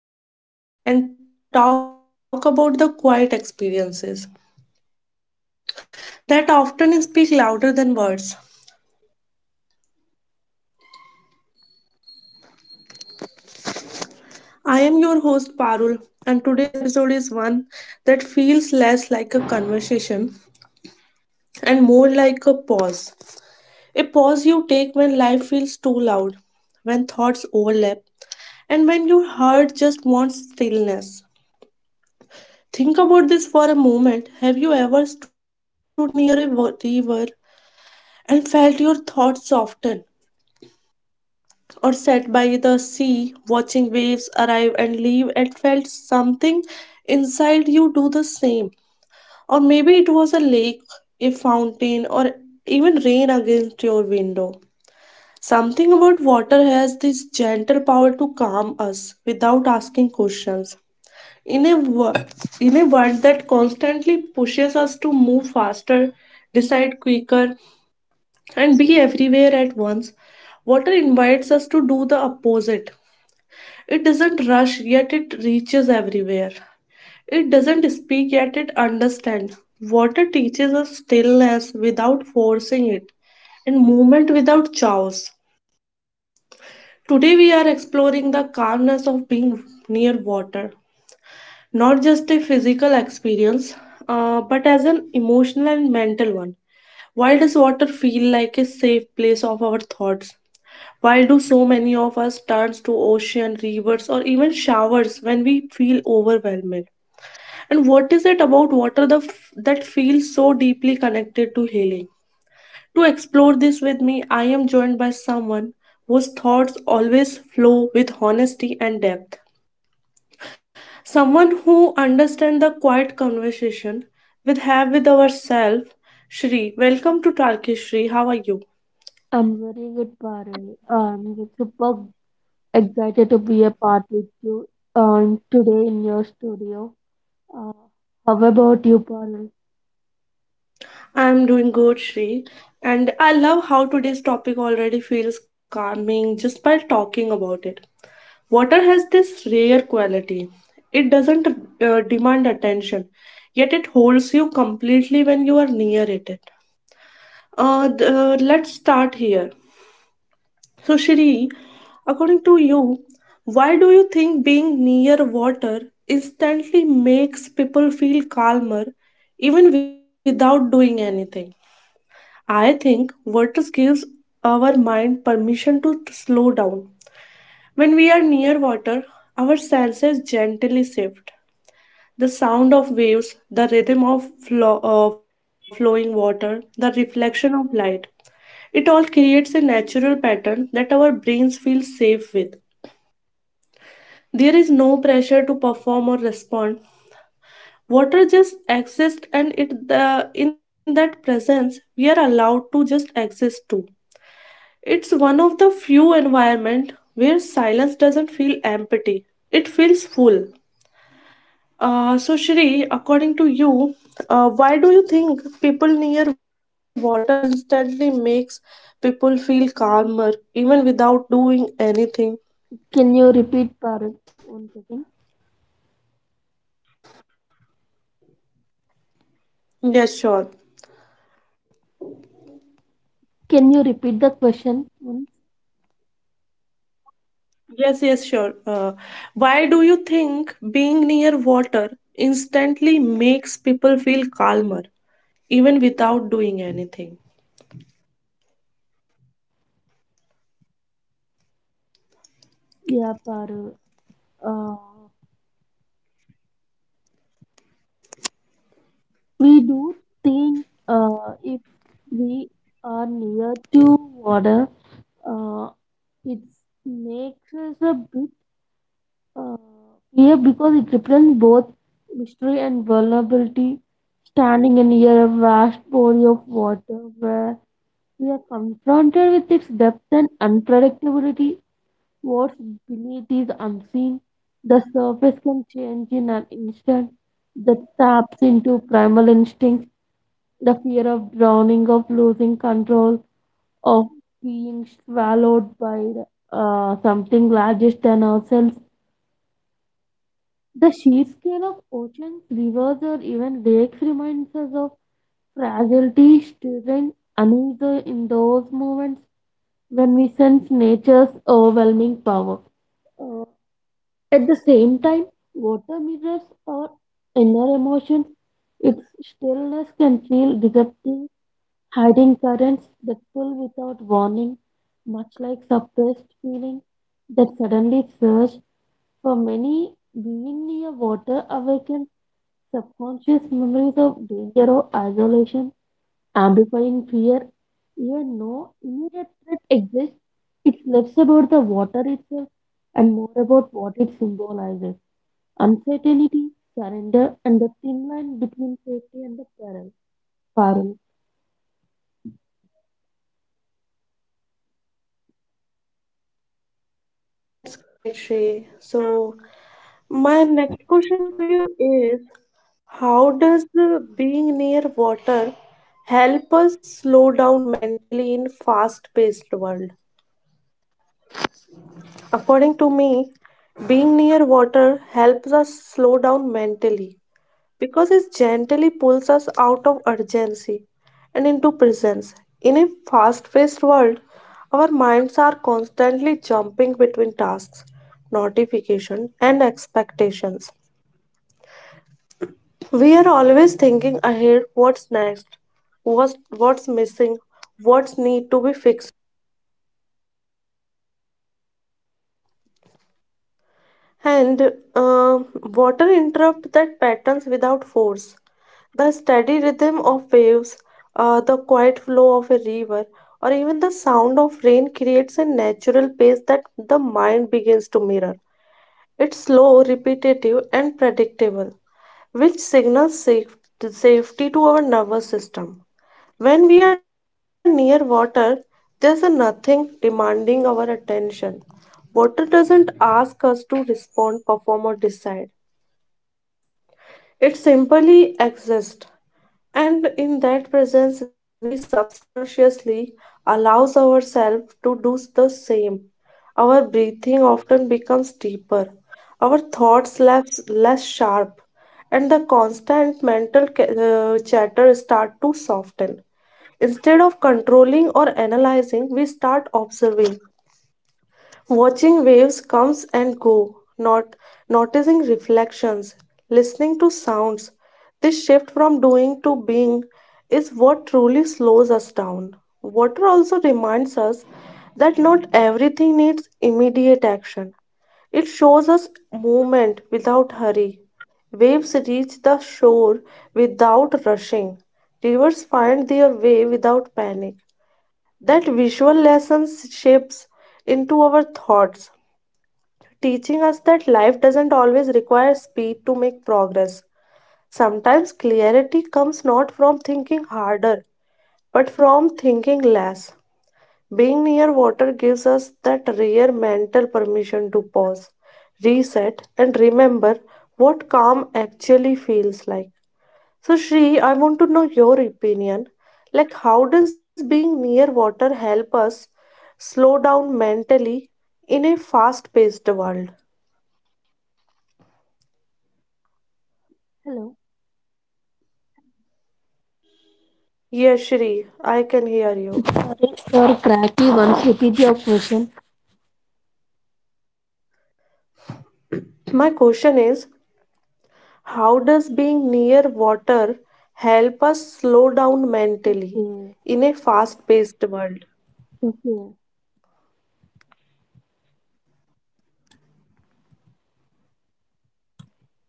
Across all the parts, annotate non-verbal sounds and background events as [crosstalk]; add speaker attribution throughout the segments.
Speaker 1: slow down, breathe deeply, and talk about the quiet experiences that often speak louder than words. I am your host Parul, and today's episode is one that feels less like a conversation and more like a pause. A pause you take when life feels too loud, when thoughts overlap, and when your heart just wants stillness. Think about this for a moment. Have you ever stood near a river and felt your thoughts soften? Or sat by the sea, watching waves arrive and leave, and felt something inside you do the same? Or maybe it was a lake, a fountain, or even rain against your window. Something about water has this gentle power to calm us without asking questions. in a wo- in a world that constantly pushes us to move faster, decide quicker, and be everywhere at once, water invites us to do the opposite. It doesn't rush, yet it reaches everywhere. It doesn't speak, yet it understands. Water teaches us stillness without forcing it, and movement without chaos. Today we are exploring the calmness of being near water, not just a physical experience, but as an emotional and mental one. Why does water feel like a safe place of our thoughts? Why do so many of us turn to ocean, rivers, or even showers when we feel overwhelmed? And what is it about water that feels so deeply connected to healing? To explore this with me, I am joined by someone whose thoughts always flow with honesty and depth. Someone who understands the quiet conversation we have with ourselves. Shri, welcome to Talkie Shri. How are you?
Speaker 2: I'm very good, Parul. I'm super excited to be a part with you today in your studio. Uh, how about you, Parul?
Speaker 1: I'm doing good, Shri. And I love how today's topic already feels calming just by talking about it. Water has this rare quality. It doesn't demand attention, yet it holds you completely when you are near it. Let's start here. So, Shri, according to you, why do you think being near water instantly makes people feel calmer even without doing anything? I think water gives our mind permission to slow down. When we are near water, our senses gently shift. The sound of waves, the rhythm of flowing water, the reflection of light. It all creates a natural pattern that our brains feel safe with. There is no pressure to perform or respond. Water just exists, and it the in that presence we are allowed to just exist too. It's one of the few environment where silence doesn't feel empty. It feels full. So Shri, according to you, why do you think people near water instantly makes people feel calmer even without doing anything?
Speaker 2: Can you repeat, Parul, one second?
Speaker 1: Yes, sure.
Speaker 2: Can you repeat the question once?
Speaker 1: Yes, yes, sure. Why do you think being near water instantly makes people feel calmer, even without doing anything?
Speaker 2: Yeah, Parul. Uh, we do think if we are near to water, uh, it makes us a bit uh, fear because it represents both mystery and vulnerability standing near a vast body of water where we are confronted with its depth and unpredictability. What's beneath is unseen. The surface can change in an instant. That taps into primal instincts, the fear of drowning, of losing control, of being swallowed by something larger than ourselves. The sheer scale of oceans, rivers, or even lakes reminds us of fragility strength another in those moments when we sense nature's overwhelming power. Uh, at the same time, water mirrors our inner emotions. Its stillness can feel deceptive, hiding currents that pull without warning, much like suppressed feelings that suddenly surge. For many, being near water awakens subconscious memories of danger or isolation amplifying fear, even no immediate threat exists. It's less about the water itself and more about what it symbolizes uncertainty, surrender, and the thin line between safety and the peril.
Speaker 1: [laughs] That's correct, Shrey. So, my next question for you is, how does being near water help us slow down mentally in fast paced world? According to me, being near water helps us slow down mentally because it gently pulls us out of urgency and into presence. In a fast paced world, our minds are constantly jumping between tasks, notifications, and expectations. We are always thinking ahead: what's next, what's missing, what's need to be fixed. And water interrupt that patterns without force. The steady rhythm of waves, the quiet flow of a river, or even the sound of rain creates a natural pace that the mind begins to mirror. It's slow, repetitive, and predictable, which signals safety to our nervous system. When we are near water, there's a nothing demanding our attention. Water doesn't ask us to respond, perform, or decide. It simply exists. And in that presence, we subconsciously allows ourselves to do the same. Our breathing often becomes deeper, our thoughts less sharp, and the constant mental chatter start to soften. Instead of controlling or analyzing, we start observing. Watching waves comes and go, not noticing reflections, listening to sounds. This shift from doing to being is what truly slows us down. Water also reminds us that not everything needs immediate action. It shows us movement without hurry. Waves reach the shore without rushing. Rivers find their way without panic. That visual lessons shapes into our thoughts, teaching us that life doesn't always require speed to make progress. Sometimes clarity comes not from thinking harder, but from thinking less. Being near water gives us that rare mental permission to pause, reset, and remember what calm actually feels like. So, Shri, I want to know your opinion. Like, how does being near water help us slow down mentally in a fast paced world?
Speaker 2: Hello.
Speaker 1: Yes, Shri, I can hear you.
Speaker 2: Sorry for cracky once repeat your question.
Speaker 1: My question is, how does being near water help us slow down mentally
Speaker 2: Okay.
Speaker 1: in a fast paced world?
Speaker 2: Okay.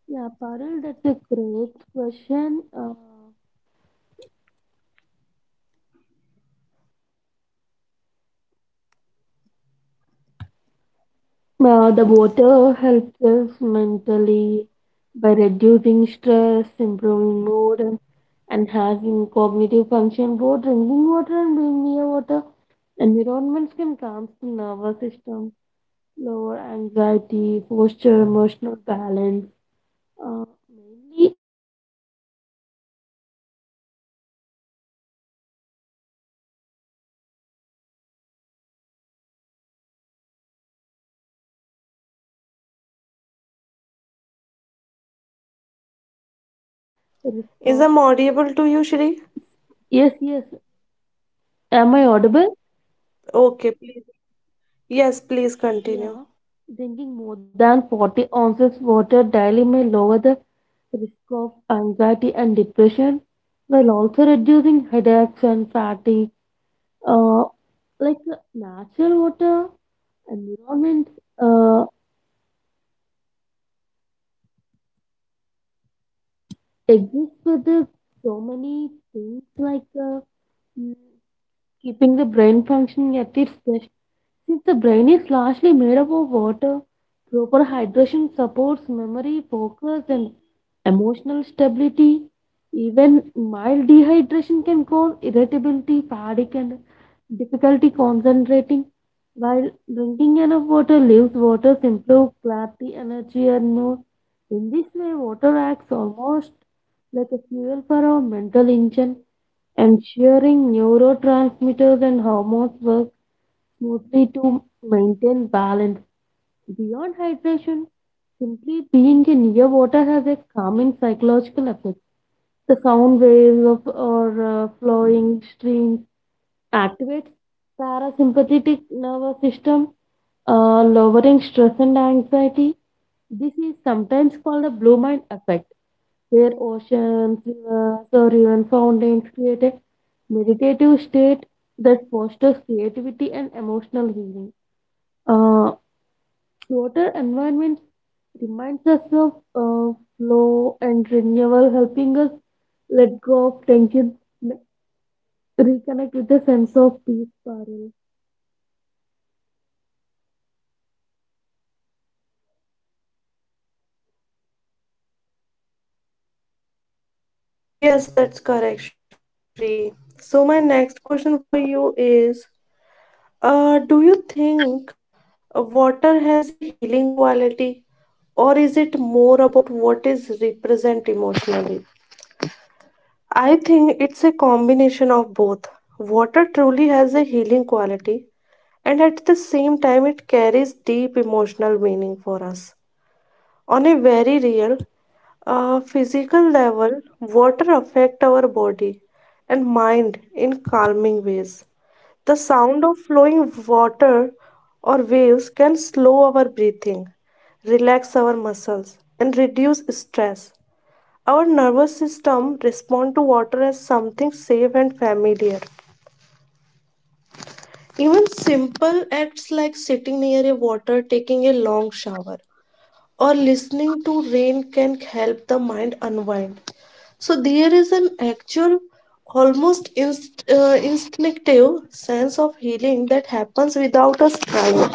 Speaker 2: Yeah, Parul, that's a great question. The water helps us mentally by reducing stress, improving mood, and has in cognitive function both drinking water and being near water environments can calm the nervous system lower anxiety foster emotional balance uh, mainly uh, it, redu- it reduces the anxiety and depression re- studies show that how more than 40 ounces of water daily may lower the risk
Speaker 1: Is
Speaker 2: of
Speaker 1: I'm audible to you, Shri?
Speaker 2: yes yes am I audible.
Speaker 1: Okay, please. Yes, please
Speaker 2: Yeah,
Speaker 1: continue.
Speaker 2: drinking more than 40 ounces water daily may lower the risk of anxiety and depression while also reducing headaches and fatigue. Uh, like natural water environments uh, exist with so many things like mm, keeping the brain functioning at its best. Since the brain is largely made up of water, proper hydration supports memory, focus, and emotional stability. Even mild dehydration can cause irritability, fatigue, and difficulty concentrating. While drinking enough water leaves waters improve clarity, energy, and mood. In this way, water acts almost like a fuel for our mental engine, ensuring neurotransmitters and hormones work mostly to maintain balance. Beyond hydration, simply being near water has a calming psychological effect. The sound waves of or flowing streams activates parasympathetic nervous system, lowering stress and anxiety. This is sometimes called the blue mind effect, where oceans, rivers, or even fountains create a meditative state that fosters creativity and emotional healing. Uh, Water environment reminds us of flow and renewal, helping us let go of tension, n- reconnect with a sense of peace, Parul.
Speaker 1: Yes, that's correct, Shri. Shri. So, my next question for you is, do you think water has a healing quality, or is it more about what is represent emotionally? I think it's a combination of both. Water truly has a healing quality, and at the same time, it carries deep emotional meaning for us. On a very real, physical level, water affect our body and mind in calming ways. The sound of flowing water or waves can slow our breathing, relax our muscles, and reduce stress. Our nervous system responds to water as something safe and familiar. Even simple acts like sitting near a water, taking a long shower, or listening to rain can help the mind unwind. So there is an actual, almost instinctive sense of healing that happens without us trying.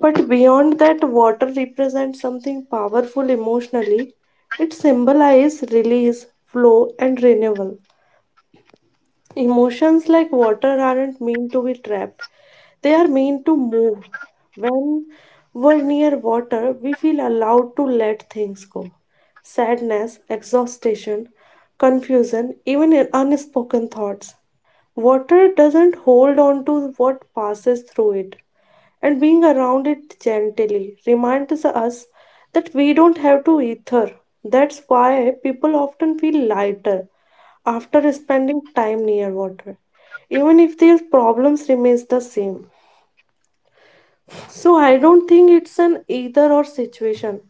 Speaker 1: But beyond that, water represents something powerful emotionally. It symbolizes release, flow, and renewal. Emotions like water aren't meant to be trapped, they are meant to move. When we're near water, we feel allowed to let things go. Sadness, exhaustion, confusion, even in unspoken thoughts. Water doesn't hold on to what passes through it, and being around it gently reminds us that we don't have to ether. That's why people often feel lighter after spending time near water, even if their problems remains the same. So I don't think it's an either or situation.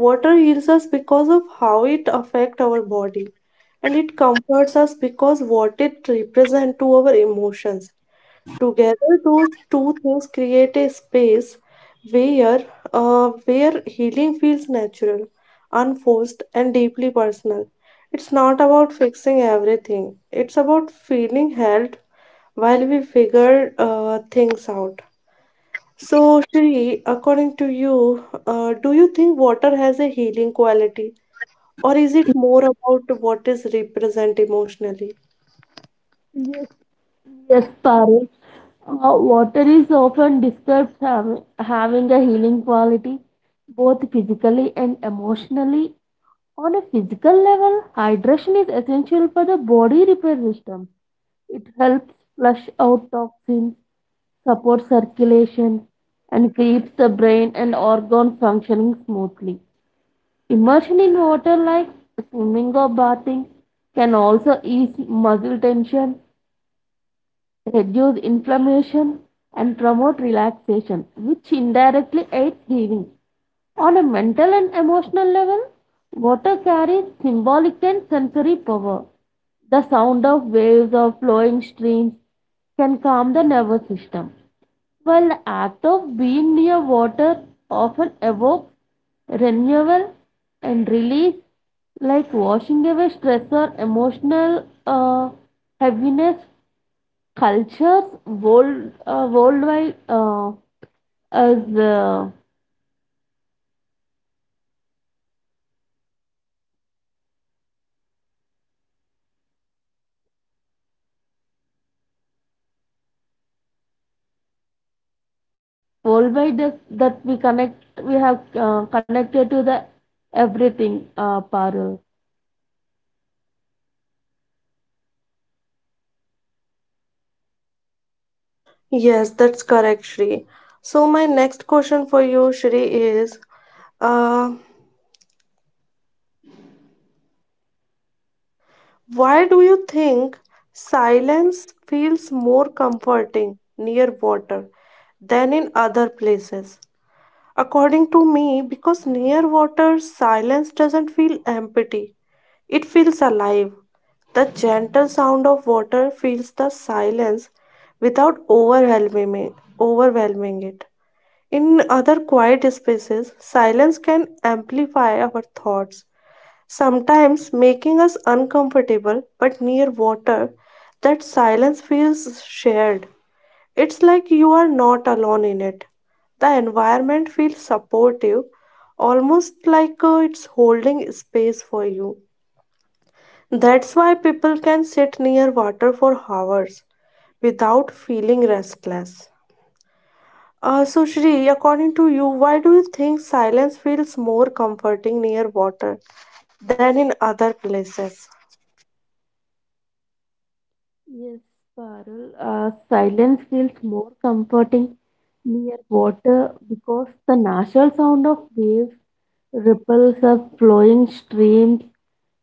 Speaker 1: Water heals us because of how it affects our body, and it comforts us because what it represents to our emotions. Together, those two things create a space where, where healing feels natural, unforced, and deeply personal. It's not about fixing everything, it's about feeling held while we figure things out. So, Shri, according to you, do you think water has a healing quality, or is it more about what is represent emotionally?
Speaker 2: Yes, yes, Parul. Water is often described as having a healing quality, both physically and emotionally. On a physical level, hydration is essential for the body repair system. It helps flush out toxins, supports circulation, and keeps the brain and organs functioning smoothly. Immersion in water, like swimming or bathing, can also ease muscle tension reduce inflammation, and promote relaxation, which indirectly aids healing. On a mental and emotional level, water carries symbolic and sensory power. The sound of waves or flowing streams can calm the nervous system, while the act of being near water often evokes renewal and release, like washing away stress or emotional heaviness cultures worldwide as worldwide is that we connect we have connected to the everything Parul.
Speaker 1: Yes, that's correct, Shri. So my next question for you, Shri, is uh, why do you think silence feels more comforting near water than in other places? According to me, because near water, silence doesn't feel empty. It feels alive. The gentle sound of water fills the silence without overwhelming it. In other quiet spaces, silence can amplify our thoughts, sometimes making us uncomfortable, but near water, that silence feels shared. It's like you are not alone in it. The environment feels supportive, almost like it's holding space for you. That's why people can sit near water for hours without feeling restless. So, Shri, according to you, why do you think silence feels more comforting near water than in other places?
Speaker 2: Yes, Parul. Silence feels more comforting near water because the natural sound of waves, ripples of flowing streams,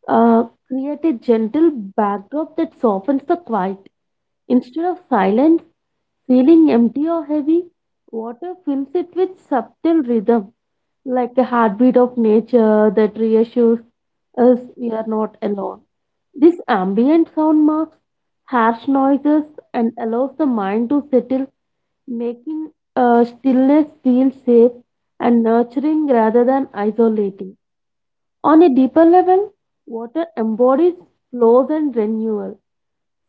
Speaker 2: Create a gentle backdrop that softens the quiet. Instead of silence, feeling empty or heavy, water fills it with subtle rhythm, like the heartbeat of nature that reassures us we are not alone. This ambient sound marks harsh noises and allows the mind to settle, making stillness feel safe and nurturing rather than isolating. On a deeper level, water embodies flows and renewal.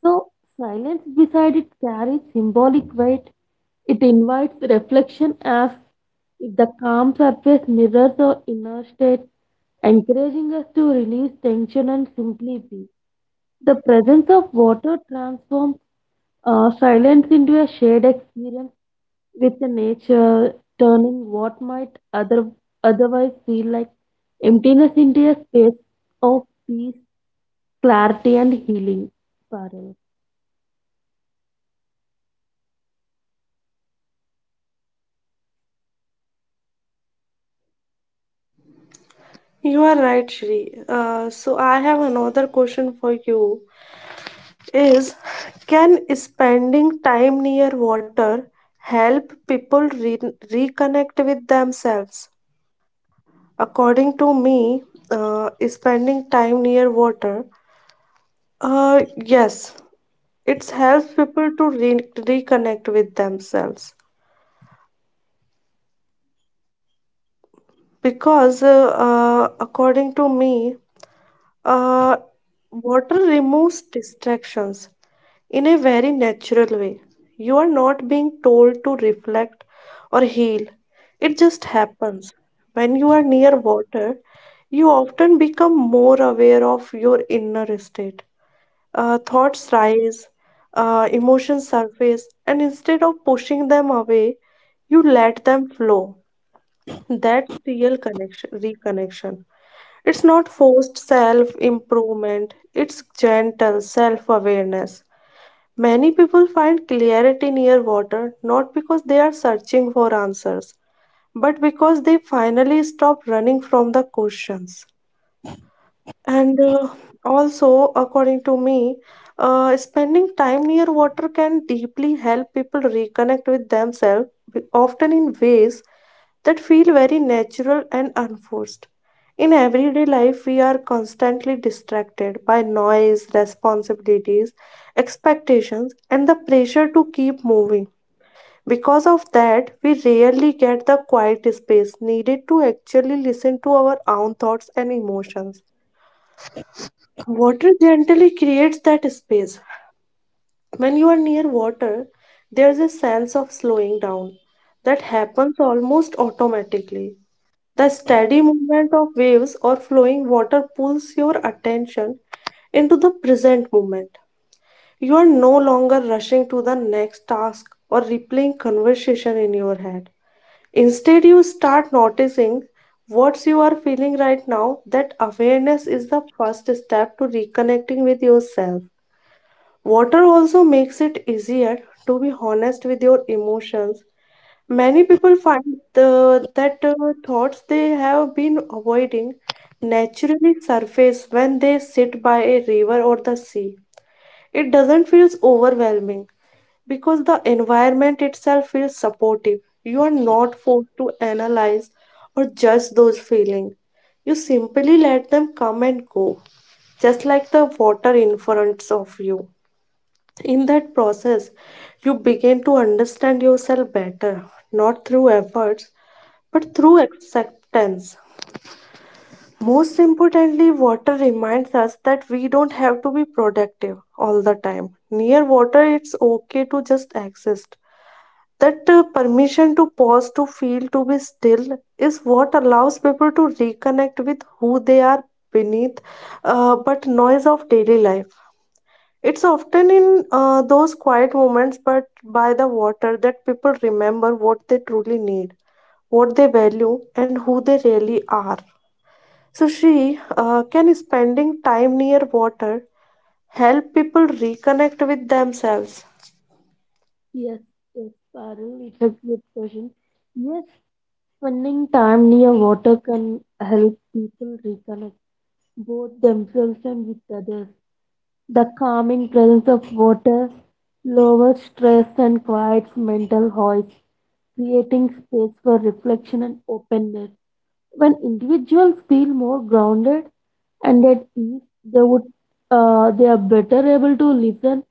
Speaker 2: So, silence beside it carries symbolic weight. It invites reflection as if the calm surface mirrors our inner state, encouraging us to release tension and simply be. The presence of water transforms silence into a shared experience with the nature, turning what might otherwise feel like emptiness into a space of peace, clarity, and healing. Parul.
Speaker 1: You are right, Shri. So, I have another question for you. Is can spending time near water help people reconnect with themselves? According to me, spending time near water, yes, it helps people to reconnect with themselves because according to me, uh, water removes distractions in a very natural way. You are not being told to reflect or heal, it just happens. When you are near water, you often become more aware of your inner state. Thoughts rise, emotions surface, and instead of pushing them away, you let them flow. That's real reconnection. It's not forced self improvement, it's gentle self awareness. Many people find clarity near water not because they are searching for answers, but because they finally stop running from the questions. And also, according to me, spending time near water can deeply help people reconnect with themselves, often in ways that feel very natural and unforced. In everyday life, we are constantly distracted by noise, responsibilities, expectations, and the pressure to keep moving. Because of that, we rarely get the quiet space needed to actually listen to our own thoughts and emotions. Water gently creates that space. When you are near water, there's a sense of slowing down that happens almost automatically. The steady movement of waves or flowing water pulls your attention into the present moment. You are no longer rushing to the next task or replaying conversation in your head. Instead, you start noticing what you are feeling right now. That awareness is the first step to reconnecting with yourself. Water also makes it easier to be honest with your emotions. Many people find the, that thoughts they have been avoiding naturally surface when they sit by a river or the sea. It doesn't feel overwhelming because the environment itself feels supportive. You are not forced to analyze or judge those feelings. You simply let them come and go, just like the water in front of you. In that process, you begin to understand yourself better, not through efforts, but through acceptance. Most importantly, water reminds us that we don't have to be productive all the time. Near water, it's okay to just exist. That Permission to pause, to feel, to be still is what allows people to reconnect with who they are beneath, but noise of daily life. It's often in those quiet moments, but by the water, that people remember what they truly need, what they value, and who they really are. So, she can spending time near water help people reconnect with themselves?
Speaker 2: Yes, yes, Parul, it's a good question. Yes, spending time near water can help people reconnect both themselves and with others. The calming presence of water lowers stress and quiets mental noise, creating space for reflection and openness. When individuals feel more grounded and at ease, they are better able to listen,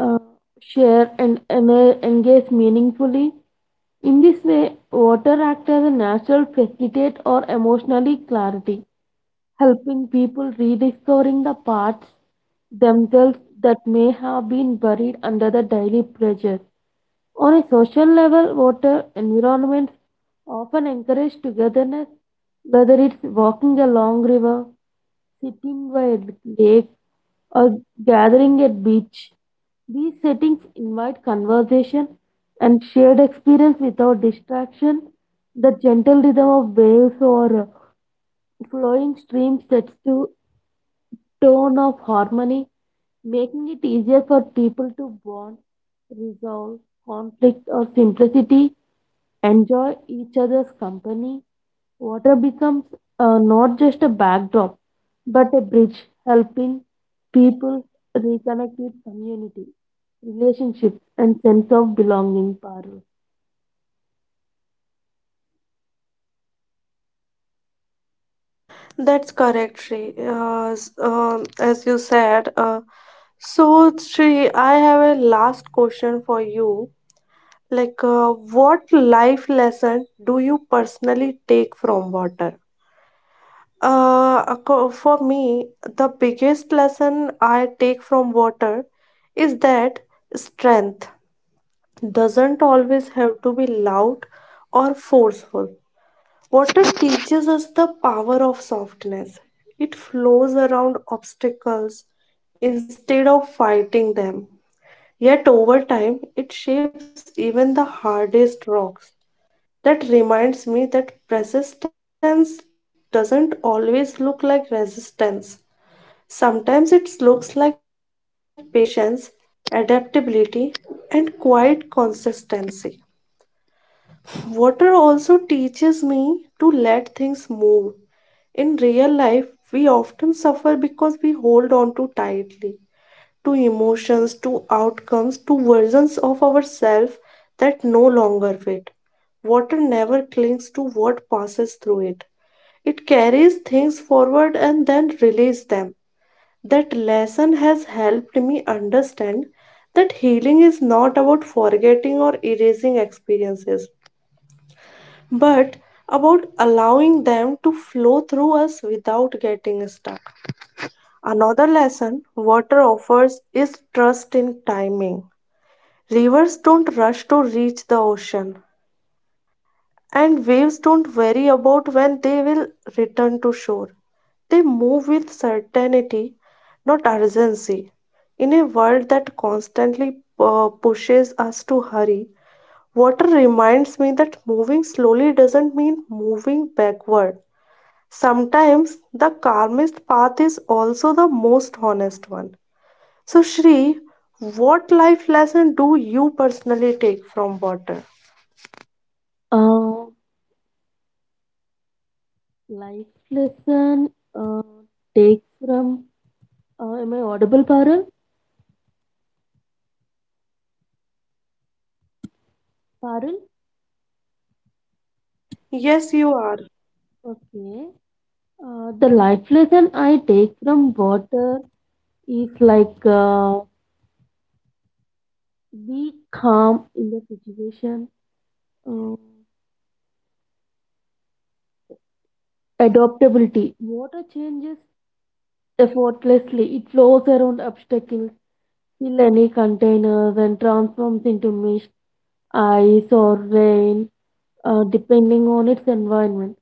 Speaker 2: uh, share, and engage meaningfully. In this way, water acts as a natural facilitator or emotionally clarity helping people rediscovering the parts themselves that may have been buried under the daily pressure. On a social level, water environments often encourage togetherness, whether it's walking along river, sitting by a lake, or gathering at beach. These settings invite conversation and shared experience without distraction. The gentle rhythm of waves or flowing streams sets to tone of harmony, making it easier for people to bond, resolve conflict or simplicity, enjoy each other's company. Water becomes not just a backdrop, but a bridge helping people reconnect with community, relationships, and sense of belonging. Paru.
Speaker 1: That's correct, Shri. As you said, so Shri, I have a last question for you. Like, uh, what life lesson do you personally take from water? For me, the biggest lesson I take from water is that strength doesn't always have to be loud or forceful. Water teaches us the power of softness. It flows around obstacles instead of fighting them. Yet over time, it shapes even the hardest rocks. That reminds me that persistence doesn't always look like resistance. Sometimes it looks like patience, adaptability, and quiet consistency. Water also teaches me to let things move. In real life, we often suffer because we hold on too tightly to emotions, to outcomes, to versions of ourselves that no longer fit. Water never clings to what passes through it. It carries things forward and then releases them. That lesson has helped me understand that healing is not about forgetting or erasing experiences, but about allowing them to flow through us without getting stuck. Another lesson water offers is trust in timing. Rivers don't rush to reach the ocean, and waves don't worry about when they will return to shore. They move with certainty, not urgency. In a world that constantly pushes us to hurry, water reminds me that moving slowly doesn't mean moving backward. Sometimes the calmest path is also the most honest one. So, Shri, what life lesson do you personally take from water?
Speaker 2: Uh, life lesson uh, takes from. Am I audible, Parul? Parul?
Speaker 1: Yes, you are.
Speaker 2: Okay. The life lesson I take from water is like be calm in the situation. Uh, adaptability. Water changes effortlessly. It flows around obstacles, fill any containers, and transforms into mist, ice, or rain, depending on its environment.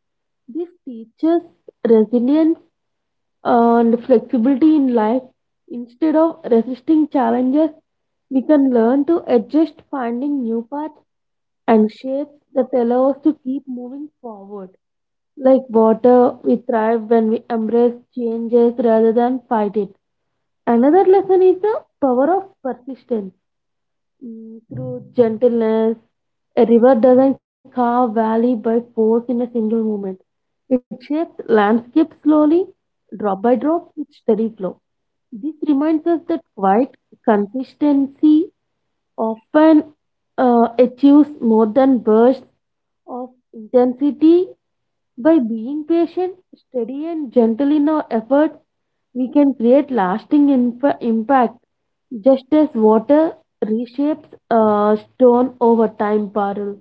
Speaker 2: This teaches resilience and flexibility in life. Instead of resisting challenges, we can learn to adjust, finding new paths and shapes that allow us to keep moving forward. Like water, we thrive when we embrace changes rather than fight it. Another lesson is the power of persistence. Through gentleness, a river doesn't carve valley by force in a single moment. It shapes landscape slowly, drop by drop, with steady flow. This reminds us that quiet consistency often achieves more than bursts of intensity. By being patient, steady, and gentle in our efforts, we can create lasting impact, just as water reshapes a stone over time, Parul.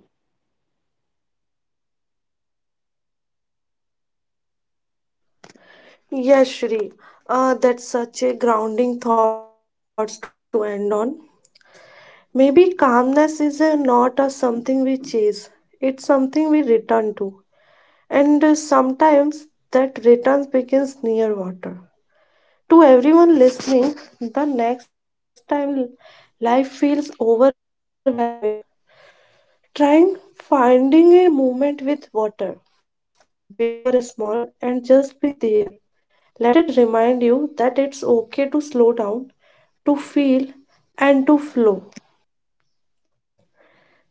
Speaker 1: Yes, Shri. That's such a grounding thoughts to end on. Maybe calmness is not a something we chase. It's something we return to. And Sometimes that return begins near water. To everyone listening, the next time life feels overwhelming, trying finding a moment with water, big or small, and just be there. Let it remind you that it's okay to slow down, to feel, and to flow.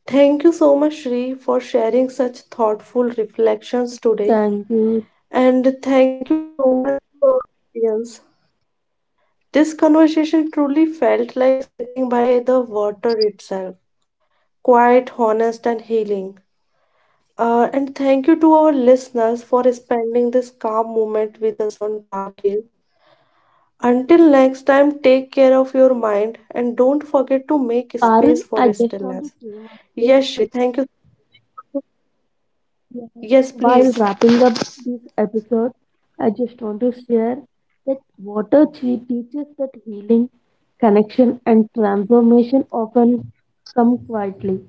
Speaker 1: Thank you so much, Shri, for sharing such thoughtful reflections today.
Speaker 2: Thank you.
Speaker 1: And thank you so much to our audience. This conversation truly felt like sitting by the water itself, quiet, honest, and healing. And thank you to our listeners for spending this calm moment with us on Tarkis. Until next time, take care of your mind and don't forget to make space
Speaker 2: Parul,
Speaker 1: for
Speaker 2: I just
Speaker 1: stillness.
Speaker 2: want to say one
Speaker 1: Yes,
Speaker 2: thing.
Speaker 1: Shri, thank you.
Speaker 2: Yeah.
Speaker 1: Yes,
Speaker 2: While
Speaker 1: please.
Speaker 2: wrapping up this episode, I just want to share that water chi teaches that healing, connection, and transformation often come quietly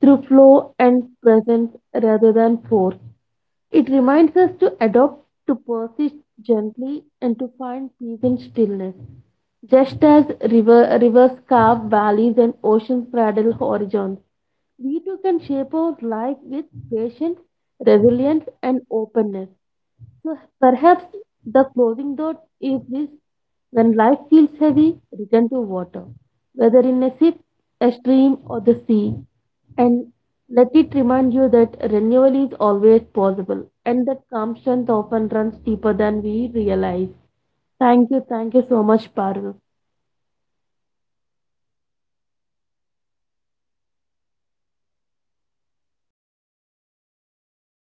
Speaker 2: through flow and presence rather than force. It reminds us to adopt, to persist gently, and to find peace in stillness. Just as rivers carve valleys and oceans cradle horizons, we too can shape our life with patience, resilience, and openness. So perhaps the closing thought is this when life feels heavy, return to water, whether in a sip, a stream, or the sea, and let it remind you that renewal is always possible and that calm strength often runs deeper than we realize. Thank you, so much, Parul.